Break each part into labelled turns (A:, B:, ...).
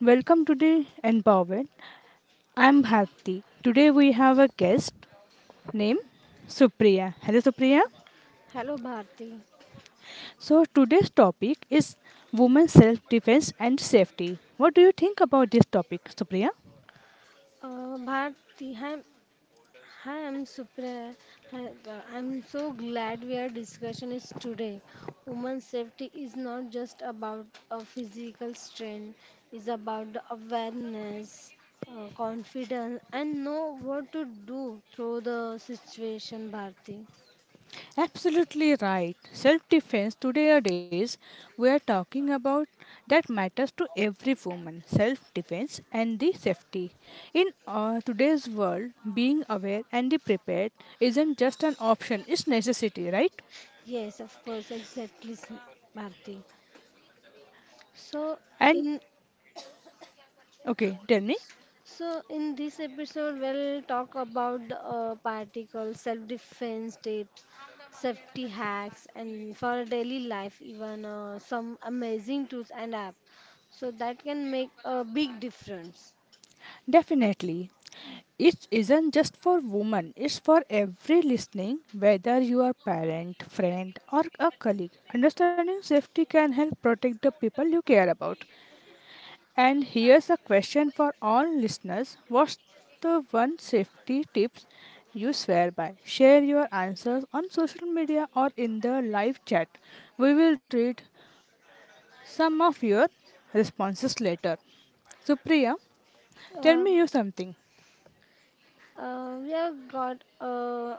A: Welcome to the Empowered. I'm Bharti. Today we have a guest named Supriya. Hello Supriya.
B: Hello Bharti.
A: So today's topic is women's self-defense and safety. What do you think about this topic, Supriya?
B: Bharti, hi, I'm Supra. hi, I'm so glad we are discussion is today. Women's safety is not just about a physical strain, it's about the awareness, confidence, and know what to do through the situation, Bharti.
A: Absolutely right. Self defense today are days we are talking about that matters to every woman. Self defense and the safety. In today's world, being aware and the prepared isn't just an option, it's necessity, right?
B: Yes, of course, exactly, Bharti. So,
A: And
B: in
A: okay, tell me.
B: So, in this episode, we'll talk about the particles, self defense tips, safety hacks, and for daily life, even some amazing tools and apps. So, that can make a big difference.
A: Definitely. It isn't just for women, it's for every listening, whether you are parent, friend, or a colleague. Understanding safety can help protect the people you care about. And here's a question for all listeners. What's the one safety tips you swear by? Share your answers on social media or in the live chat. We will read some of your responses later. So, Priya, tell
B: Uh,
A: me you something.
B: we have got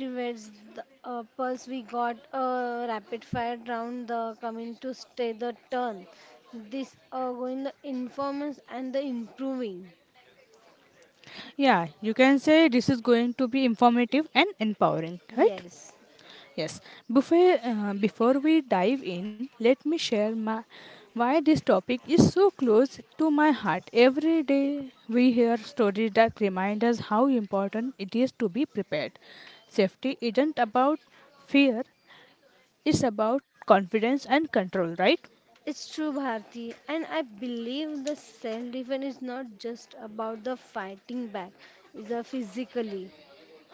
B: rewards the pulse, we got a rapid fire round the coming to stay the turn. This going the informants and the improving.
A: Yeah, you can say this is going to be informative and empowering, right?
B: Yes.
A: Yes. Before, before we dive in, let me share my, why this topic is so close to my heart. Every day we hear stories that remind us how important it is to be prepared. Safety isn't about fear, it's about confidence and control, right?
B: It's true, Bharti, and I believe the self defense is not just about the fighting back, it's a physically.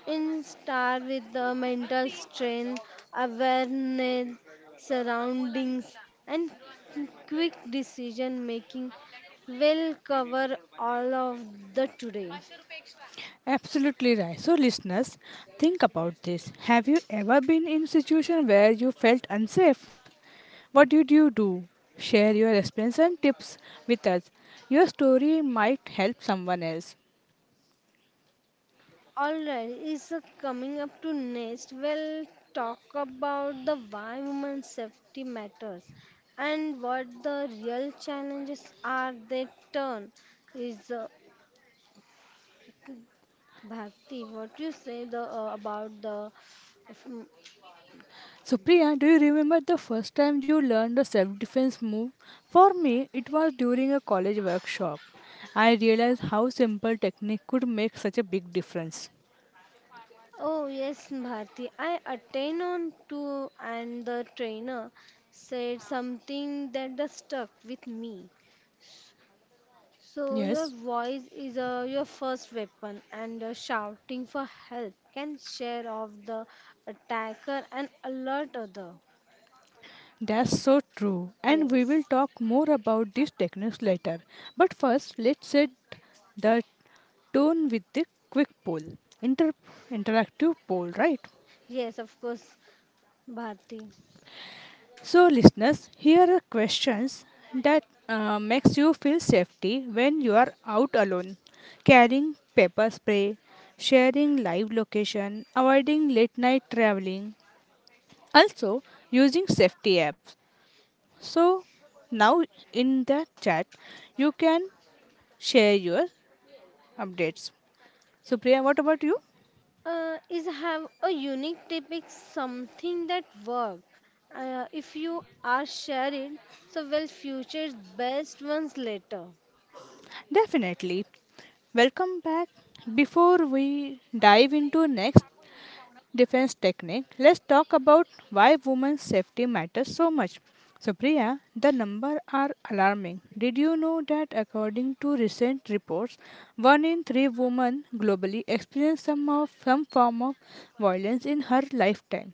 B: In star with the mental strength, awareness, surroundings, and quick decision making will cover all of the today.
A: Absolutely right. So listeners, think about this. Have you ever been in a situation where you felt unsafe? What did you do? Share your experience and tips with us. Your story might help someone else.
B: Alright, is coming up to next. We'll talk about the why women's safety matters and what the real challenges are they turn. Is Bharti, what you say the about the? mm,
A: So Priya, do you remember the first time you learned a self-defense move? For me, it was during a college workshop. I realized how simple technique could make such a big difference.
B: Oh yes, Bharti. I attend on to and the trainer said something that the stuck with me. So your
A: Yes.
B: voice is your first weapon, and shouting for help can scare off the attacker and alert other.
A: That's so true, and we
B: Yes,
A: will talk more about these techniques later. But first, let's set the tone with the quick poll, inter- interactive poll, right?
B: yes, of course, Bharti.
A: So, listeners, here are questions that makes you feel safety when you are out alone. Carrying pepper spray, sharing live location, avoiding late night traveling, also using safety apps. So now in the chat, you can share your updates. So Priya, what about you?
B: Is have a unique tip is something that work. If you are sharing, so will future best ones later.
A: Definitely. Welcome back. Before we dive into next defense technique, let's talk about why women's safety matters so much. So Priya, the numbers are alarming. Did you know that according to recent reports, one in three women globally experience some form of violence in her lifetime?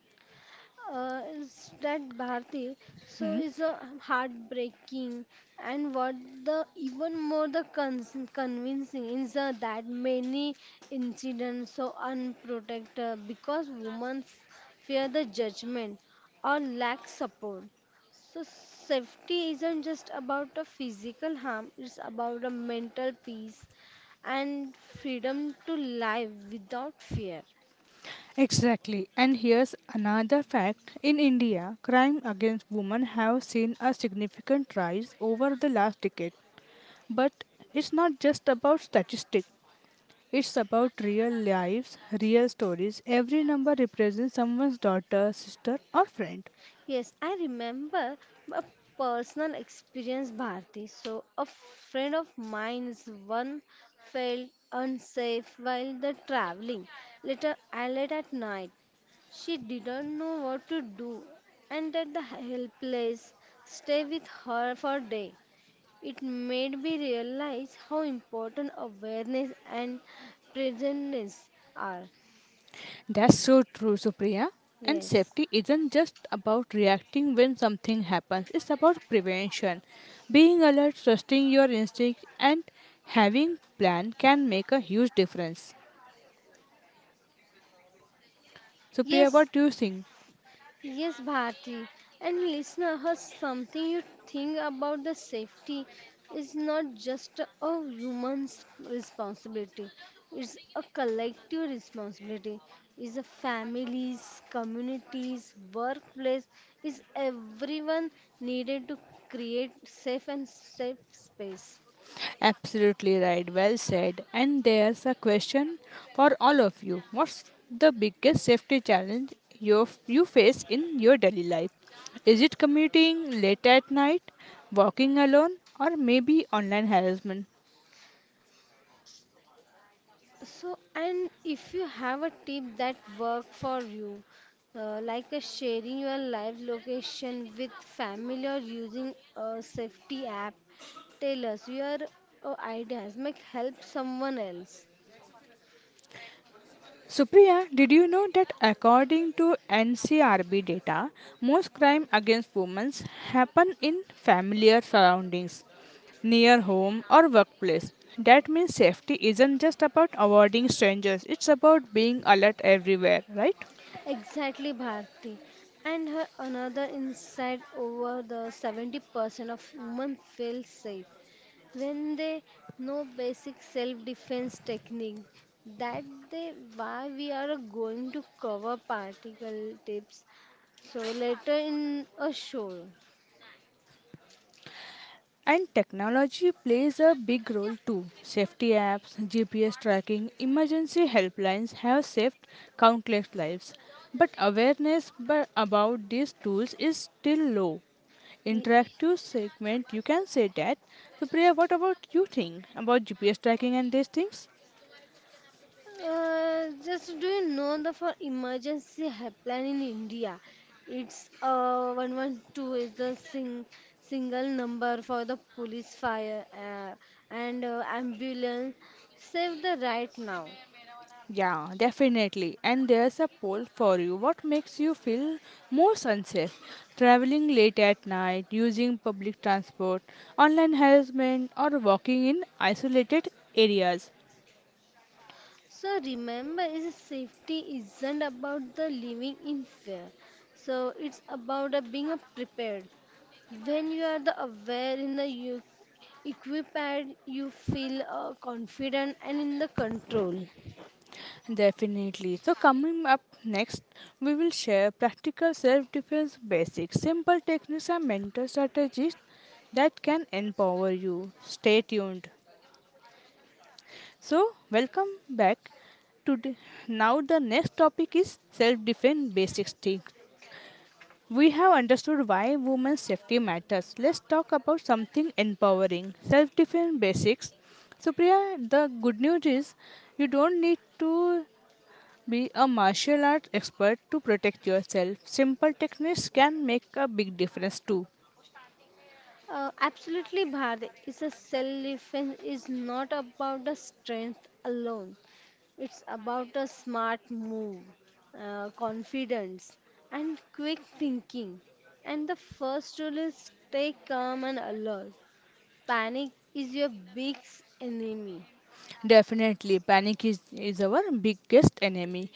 B: Is that Bharti so
A: Hmm?
B: is a heartbreaking and what the even more the convincing is that many incidents so unprotected because women fear the judgment or lack support so safety isn't just about a physical harm, it's about a mental peace and freedom to live without fear.
A: Exactly. And here's another fact. In India, crime against women have seen a significant rise over the last decade. But it's not just about statistics. It's about real lives, real stories. Every number represents someone's daughter, sister or friend.
B: Yes, I remember a personal experience, Bharti. So, a friend of mine's one felt unsafe while the traveling. Later, I late at night. She didn't know what to do and that the helpless stay with her for day. It made me realize how important awareness and presence are.
A: That's so true, Supriya. And
B: Yes.
A: safety isn't just about reacting when something happens, it's about prevention. Being alert, trusting your instinct, and having plan can make a huge difference. Supriya,
B: Yes,
A: what do you think?
B: yes, Bharti. And listener, has something you think about the safety is not just a human's responsibility. It's a collective responsibility. It's a families, communities, workplace. Is everyone needed to create safe and safe space.
A: Absolutely right, well said. And there's a question for all of you. What's the biggest safety challenge you face in your daily life? Is it commuting late at night, walking alone, or maybe online harassment?
B: So, and if you have a tip that work for you, like a sharing your live location with family or using a safety app, tell us your ideas. Make help someone else.
A: Supriya, did you know that according to NCRB data, most crime against women happen in familiar surroundings, near home or workplace? That means safety isn't just about avoiding strangers, it's about being alert everywhere, right?
B: Exactly, Bharti. And her another insight over the 70% of women feel safe when they know basic self defense technique that they why we are going to cover particle tips so later in a show.
A: And technology plays a big role too. Safety apps, GPS tracking, emergency helplines have saved countless lives. But awareness about these tools is still low.
B: We-
A: Interactive segment, you can say that. So, Priya, what about you think about GPS tracking and these things?
B: just do you know the for emergency helpline in India, it's 112 is the sing, single number for the police fire and ambulance save the right now.
A: Yeah, definitely. And there's a poll for you. What makes you feel most unsafe? Traveling late at night, using public transport, online harassment, or walking in isolated areas?
B: So remember, is safety isn't about the living in fear. So it's about a being a prepared. When you are the aware in the you equipped, you feel confident and in the control.
A: Definitely. So, coming up next, we will share practical self defense basics, simple techniques, and mental strategies that can empower you. Stay tuned. So, welcome back. Today, now the next topic is self-defense basic things. We have understood why women's safety matters. Let's talk about something empowering: self-defense basics. So, Priya, the good news is you don't need to be a martial arts expert to protect yourself. Simple techniques can make a big difference too.
B: Absolutely, Bharat. It's a self defense is not about the strength alone. It's about a smart move, confidence, and quick thinking. And the first rule is stay calm and alert. Panic is your biggest enemy.
A: Definitely, panic is our biggest enemy.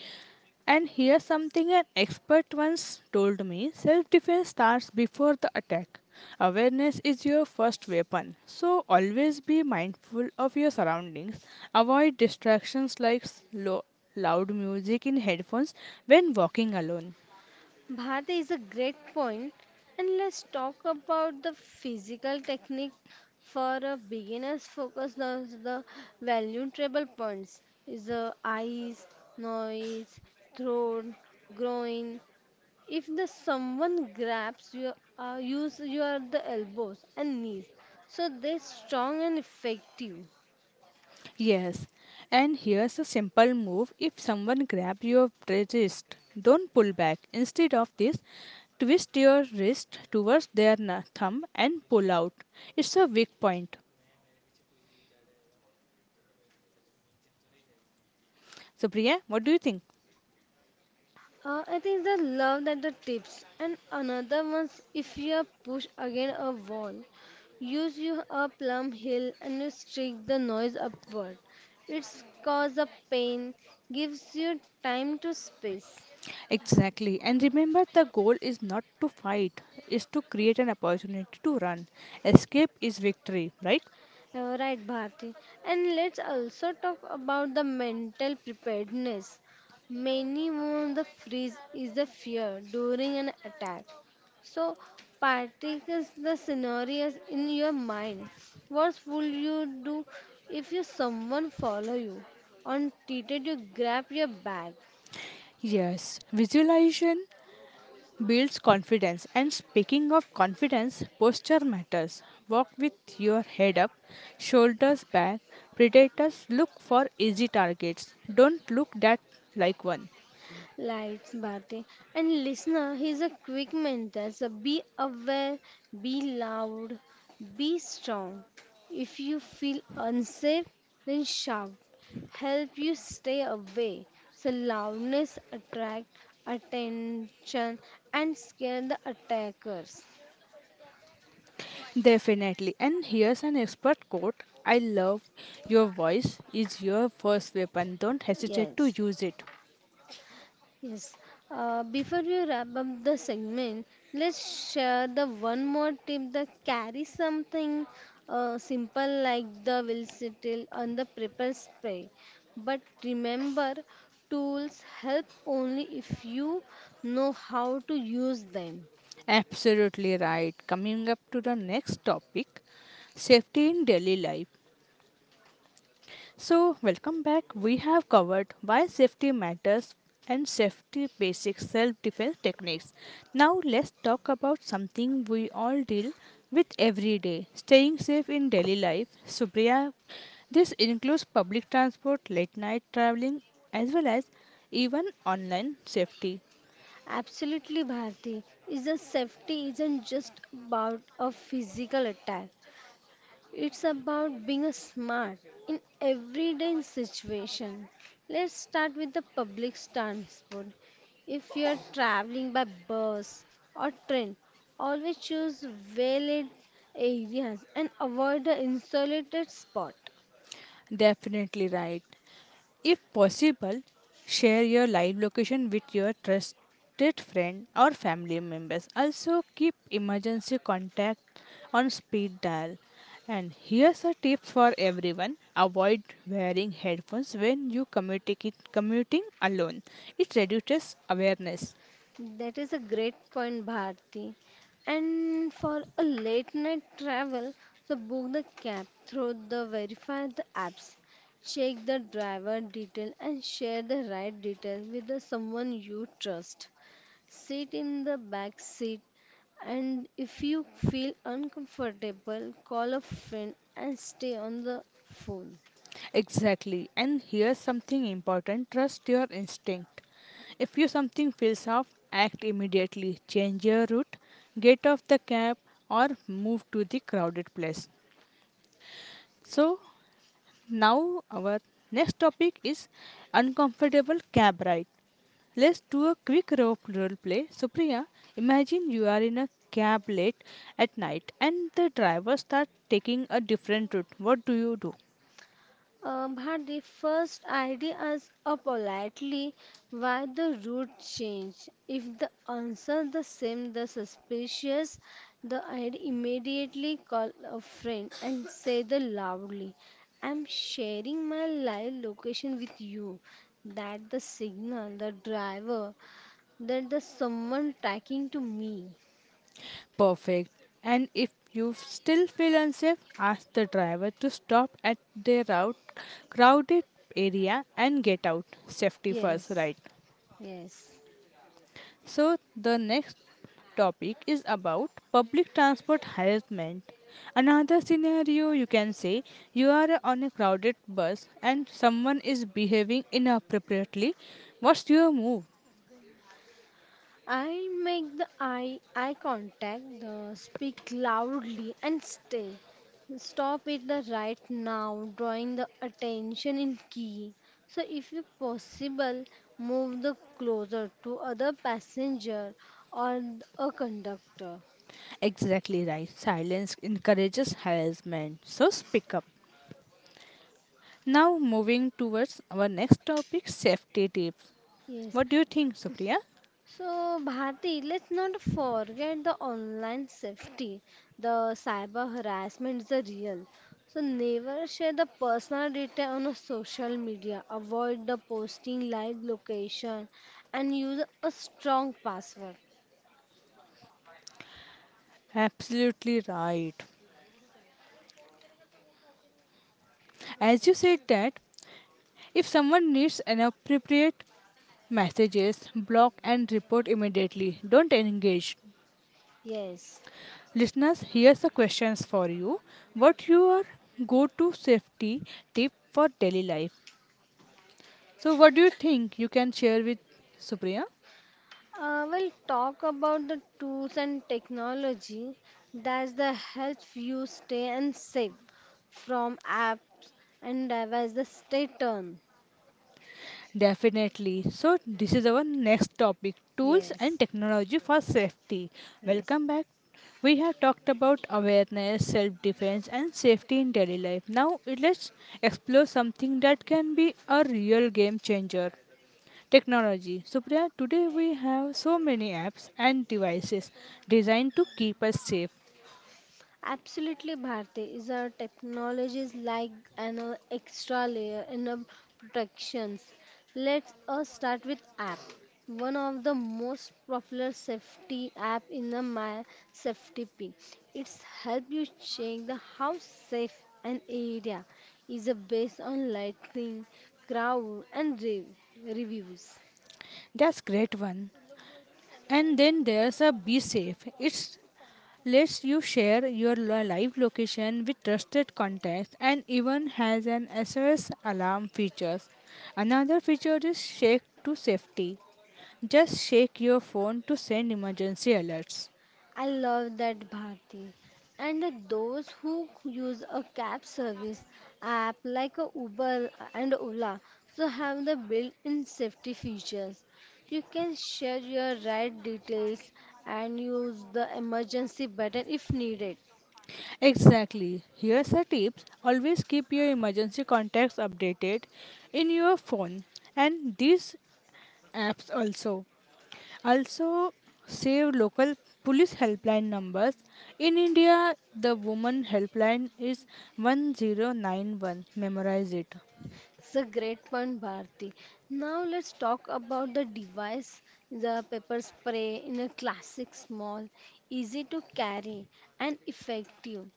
A: And here's something an expert once told me self defense starts before the attack. Awareness is your first weapon, so always be mindful of your surroundings. Avoid distractions like slow, loud music in headphones when walking alone.
B: Bharti is a great point, and let's talk about the physical technique for a beginner's focus. Those are the valuable points is the eyes, noise, throat, groin, If the someone grabs you, use your the elbows and knees, so they're strong and effective.
A: Yes, and here's a simple move if someone grabs your wrist, don't pull back. Instead of this, twist your wrist towards their thumb and pull out. It's a weak point. So, Priya, what do you think?
B: I think the love that the tips and another one's if you are pushed against a wall, use your a plumb heel and you streak the noise upward. It's cause a pain, gives you time to space.
A: Exactly, and remember the goal is not to fight, it's to create an opportunity to run. Escape is victory, right?
B: Right, Bharti. And let's also talk about the mental preparedness. Many wounds the freeze is the fear during an attack. So, particles the scenarios in your mind. What would you do if you someone follow you? On treated you grab your bag.
A: Yes, visualization builds confidence. And speaking of confidence, posture matters. Walk with your head up, shoulders back. Predators look for easy targets. Don't look that like one.
B: Lights, Bharti. And listener, here's a quick mentor. So be aware, be loud, be strong. If you feel unsafe, then shout. Help you stay away. So loudness attract attention and scare the attackers.
A: Definitely. And here's an expert quote I love your voice is your first weapon. Don't hesitate to
B: Yes.
A: use it.
B: Yes. Before we wrap up the segment, let's share the one more tip that carry something simple like the velocity on the prepper spray. But remember, tools help only if you know how to use them.
A: Absolutely right. Coming up to the next topic safety in daily life. So, welcome back. We have covered why safety matters and safety basic self defense techniques. Now, let's talk about something we all deal with every day staying safe in daily life. Supriya, this includes public transport, late night traveling, as well as even online safety.
B: Absolutely, Bharti. Is a safety isn't just about a physical attack. It's about being smart in everyday situation. Let's start with the public transport. If you're traveling by bus or train, always choose well lit areas and avoid the insulated spot.
A: Definitely right. If possible, share your live location with your trusted friend or family members. Also, keep emergency contact on speed dial. And here's a tip for everyone avoid wearing headphones when you communicate commuting alone, it reduces awareness.
B: That is a great point, Bharti. And for a late night travel, so book the cab through the verify the apps, check the driver detail and share the ride detail with the someone you trust. Sit in the back seat and if you feel uncomfortable, call a friend and stay on the phone.
A: Exactly. And here's something important trust your instinct. If you something feels off, act immediately. Change your route, get off the cab, or move to the crowded place. So, now our next topic is uncomfortable cab ride. Let's do a quick role play. Supriya, imagine you are in a cab late at night and the driver starts taking a different route. What do you do?
B: But the first idea is a politely why the route change. If the answer the same, the suspicious, the I'd immediately call a friend and say the loudly, I'm sharing my live location with you. That the signal, the driver, that the someone tracking to me.
A: Perfect. And if you still feel unsafe, ask the driver to stop at their route, crowded area and get out. Safety first,
B: Yes,
A: right?
B: yes.
A: So the next topic is about public transport harassment. Another scenario you can say you are on a crowded bus and someone is behaving inappropriately. What's your move?
B: I make the eye contact, the speak loudly and still stop it the right now, drawing the attention in key. So if you possible, move the closer to other passenger or a conductor.
A: Exactly right. Silence encourages harassment. So speak up. Now, moving towards our next topic safety tips.
B: Yes,
A: What do you think, Supriya?
B: so, Bharti, let's not forget the online safety. The cyber harassment is a real. So, never share the personal data on a social media. Avoid the posting live location and use a strong password.
A: Absolutely right. As you said, that if someone needs inappropriate messages, block and report immediately. Don't engage.
B: Yes.
A: Listeners, here's the questions for you. What your go to safety tip for daily life? So, what do you think you can share with Supriya?
B: We'll talk about the tools and technology that the help you stay and safe from apps and devices. The stay turned.
A: Definitely. So, this is our next topic tools and
B: Yes.
A: technology for safety.
B: Yes.
A: Welcome back. We have talked about awareness, self defense, and safety in daily life. Now, let's explore something that can be a real game changer technology. Supriya, today we have so many apps and devices designed to keep us safe.
B: Absolutely, Bharti is our technologies like an extra layer in a protections. Let's start with app. One of the most popular safety app in the my safety pin. It's help you check the how safe an area is based on lighting, crowd, and reviews.
A: That's great one. And then there's a Be Safe. It's lets you share your live location with trusted contacts and even has an SOS alarm features. Another feature is Shake to Safety. Just shake your phone to send emergency alerts.
B: I love that Bharti. And those who use a cab service app like a Uber and Ola so have the built-in safety features. You can share your ride details and use the emergency button if needed.
A: Exactly. Here's a tip. Always keep your emergency contacts updated in your phone and these apps also. Also, save local police helpline numbers. In India, the woman helpline is 1091. Memorize it.
B: It's a great one, Bharti. Now let's talk about the device, the pepper spray in a classic, small, easy to carry, and effective.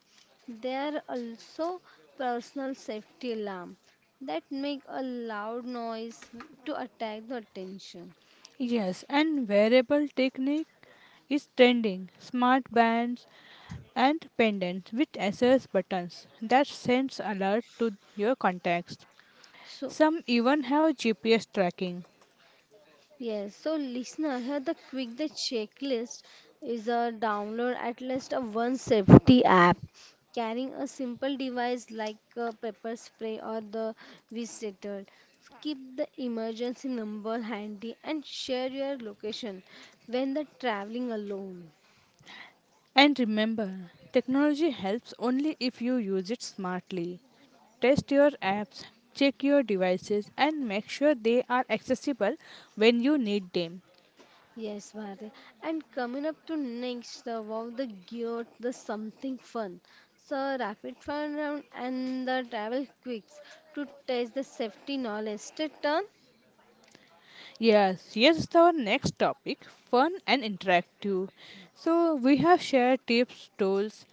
B: There are also personal safety alarm that make a loud noise to attract the attention.
A: Yes, and wearable technique is trending. Smart bands and pendants with SOS buttons that sends alert to your contacts.
B: So
A: Some even have GPS tracking.
B: yes, so listener, here the quick the checklist is a download at least a one safety app. Carrying a simple device like a pepper spray or the visitor. Keep the emergency number handy and share your location when the traveling alone.
A: And remember, technology helps only if you use it smartly. Test your apps, check your devices, and make sure they are accessible when you need them.
B: Yes, Bharti. And coming up to next, wow, the gear, the something fun. So, rapid fire round and the travel quicks to test the safety knowledge. Take turn?
A: Yes, here's our next topic fun and interactive. So, we have shared tips, tools,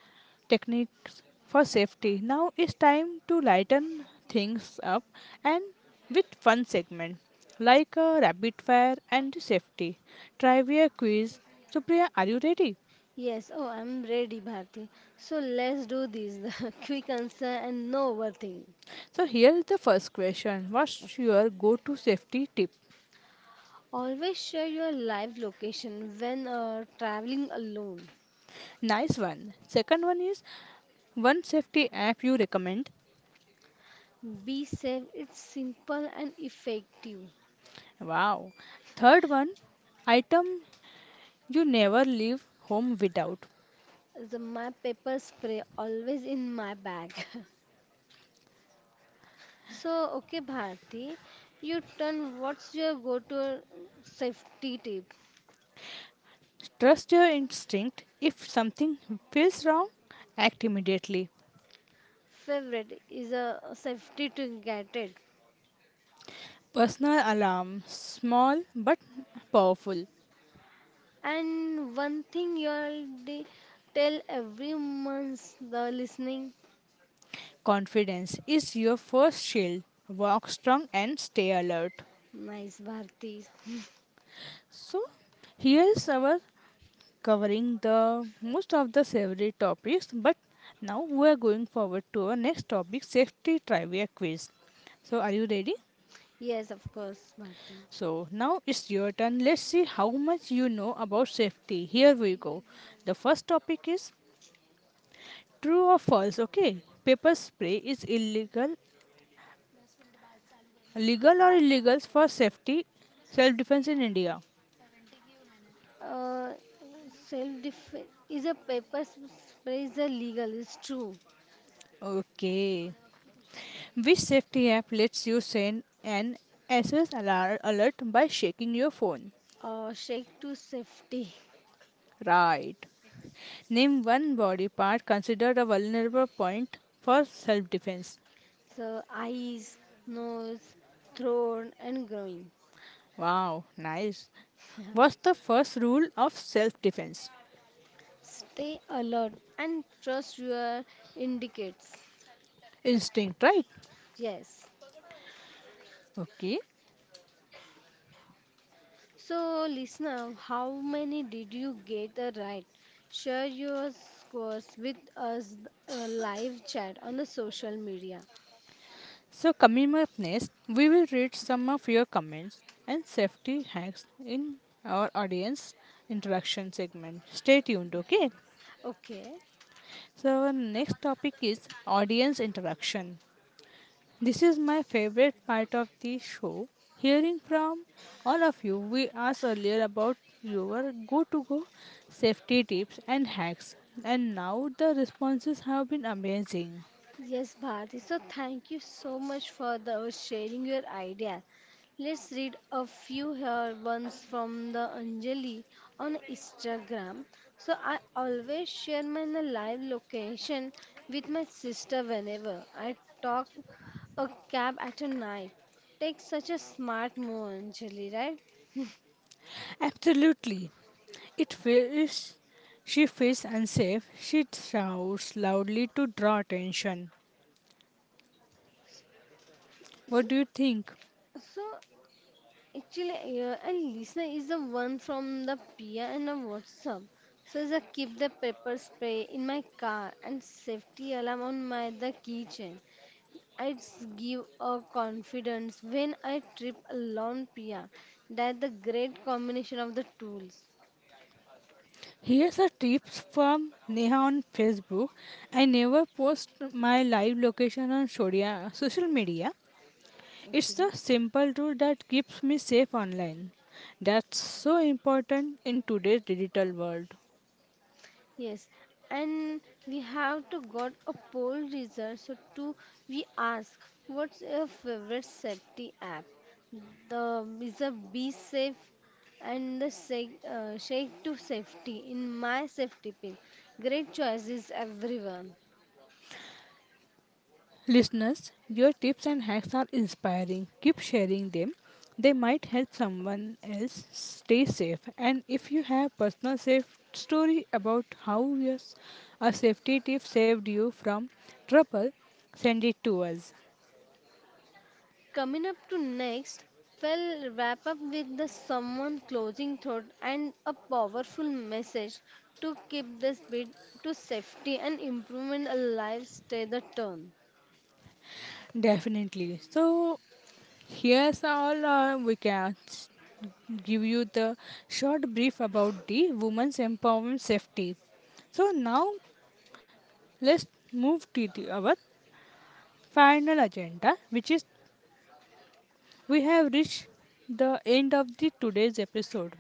A: techniques for safety. Now it's time to lighten things up and with fun segment like a rapid fire and the safety trivia quiz. So, Priya, are you ready?
B: Yes, oh, I'm ready, Bharti. So, let's do this the quick answer and no overthink.
A: So, here is the first question What's your go to safety tip?
B: Always share your live location when traveling alone.
A: Nice one. Second one is one safety app you recommend.
B: Be safe, it's simple and effective.
A: Wow. Third one, item you never leave home without.
B: The map paper spray always in my bag. So, okay, Bharti, you turn what's your go to safety tip?
A: Trust your instinct. If something feels wrong, act immediately.
B: Favorite is a safety to get it.
A: Personal alarm, small but powerful.
B: And one thing you already tell every month the listening.
A: Confidence is your first shield. Walk strong and stay alert.
B: Nice, Bharti.
A: So, here is our covering the most of the savory topics, but now we are going forward to our next topic safety trivia quiz. So, are you ready?
B: Yes, of course, Bharti.
A: So now it's your turn. Let's see how much you know about safety. Here we go. The first topic is true or false. Okay, pepper spray is illegal, legal or illegal for safety, self defense in India.
B: Uh, self defense is a paper spray is a legal, it's true.
A: Okay. Which safety app lets you send an SOS alert by shaking your phone?
B: Shake to safety.
A: Right. Name one body part considered a vulnerable point for self defense.
B: So, eyes, nose, throat, and groin.
A: Wow, nice. What's the first rule of self defense?
B: Stay alert and trust your indicates.
A: Instinct, right?
B: Yes.
A: Okay.
B: So, listener, how many did you get right? Share your scores with us live chat on the social media.
A: So, coming up next, we will read some of your comments and safety hacks in our audience interaction segment. Stay tuned, okay?
B: Okay.
A: So, our next topic is audience interaction. This is my favorite part of the show. Hearing from all of you, we asked earlier about your go to go safety tips and hacks, and now the responses have been amazing.
B: Yes, Bharti. So thank you so much for the sharing your idea. Let's read a few here ones from the Anjali on Instagram. So I always share my live location with my sister whenever I talk a cab at a night. Take such a smart move, Anjali, right?
A: Absolutely. It feels she feels unsafe. She shouts loudly to draw attention. What
B: So,
A: do you think?
B: so actually, and listener is the one from the Pia and the WhatsApp. So is a keep the pepper spray in my car and safety alarm on my the keychain. It's give a confidence when I trip alone Pia. That the great combination of the tools.
A: Here's a tips from Neha on Facebook. I never post my live location on social media. It's
B: Okay.
A: the simple rule that keeps me safe online. That's so important in today's digital world.
B: Yes, and we have to got a poll result. So to we ask, what's your favorite safety app? The is a be safe and the shake, shake to safety in my safety pin. Great choices, everyone.
A: Listeners, your tips and hacks are inspiring. Keep sharing them. They might help someone else stay safe. And if you have personal safe story about how your a safety tip saved you from trouble, send it to us.
B: Coming up to next, we'll wrap up with the someone closing thought and a powerful message to keep the bit to safety and improvement alive. Stay the turn.
A: Definitely. So here's all we can give you the short brief about the women's empowerment safety. So now let's move to the, our final agenda, which is we have reached the end of the today's episode.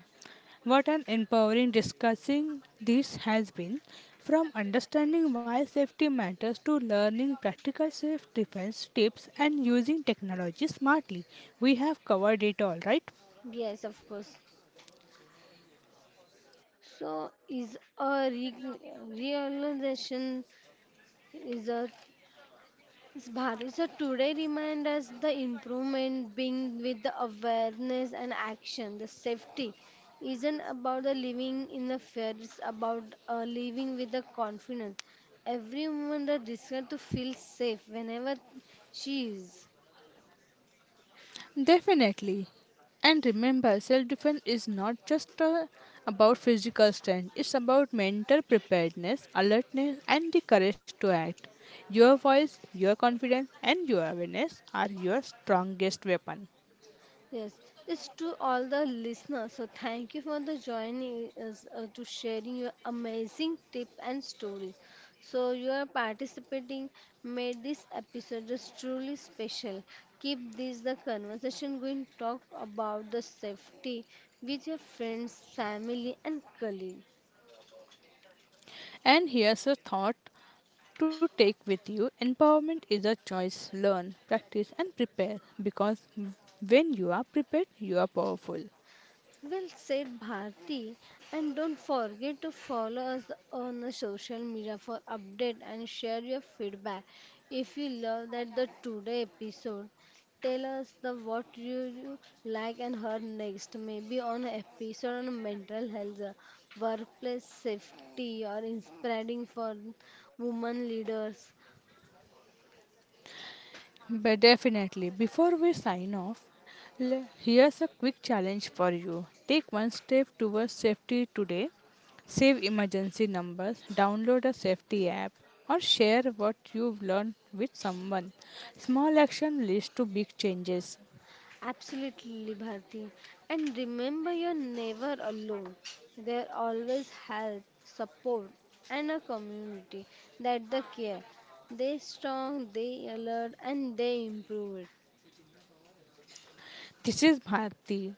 A: What an empowering discussing this has been from understanding why safety matters to learning practical safe defense tips and using technology smartly. We have covered it all, right?
B: Yes, of course. So, is a realization is a is Bharat. So today remind us the improvement being with the awareness and action. The safety isn't about the living in the fear. It's about living with the confidence. Every woman that deserves to feel safe whenever she is.
A: Definitely. And remember, self defense is not just about physical strength, it's about mental preparedness, alertness, and the courage to act. Your voice, your confidence, and your awareness are your strongest weapon.
B: Yes, it's to all the listeners. So thank you for the joining us to sharing your amazing tip and story. So you are participating made this episode just truly special. Keep this the conversation going. Talk about the safety with your friends, family, and colleagues.
A: And here's a thought to take with you empowerment is a choice. Learn, practice, and prepare because when you are prepared, you are powerful.
B: Well said, Bharti. And don't forget to follow us on the social media for update and share your feedback. If you love that the today episode, tell us the what you like and heard next. Maybe on an episode on mental health, workplace safety, or inspiring for women leaders.
A: But definitely, before we sign off, here's a quick challenge for you. Take one step towards safety today. Save emergency numbers, download a safety app, or share what you've learned with someone. Small action leads to big changes.
B: Absolutely, Bharti. And remember, you're never alone. There always help, support, and a community that the care. They strong, they alert, and they improve it.
A: This is Bharti.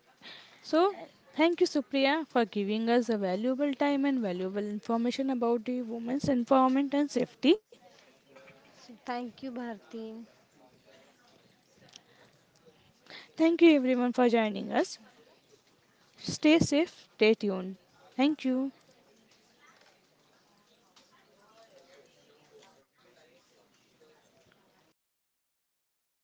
A: So,
B: And
A: thank you, Supriya, for giving us a valuable time and valuable information about the women's empowerment and safety.
B: so thank you, Bharti.
A: Thank you, everyone, for joining us. Stay safe, stay tuned. Thank you.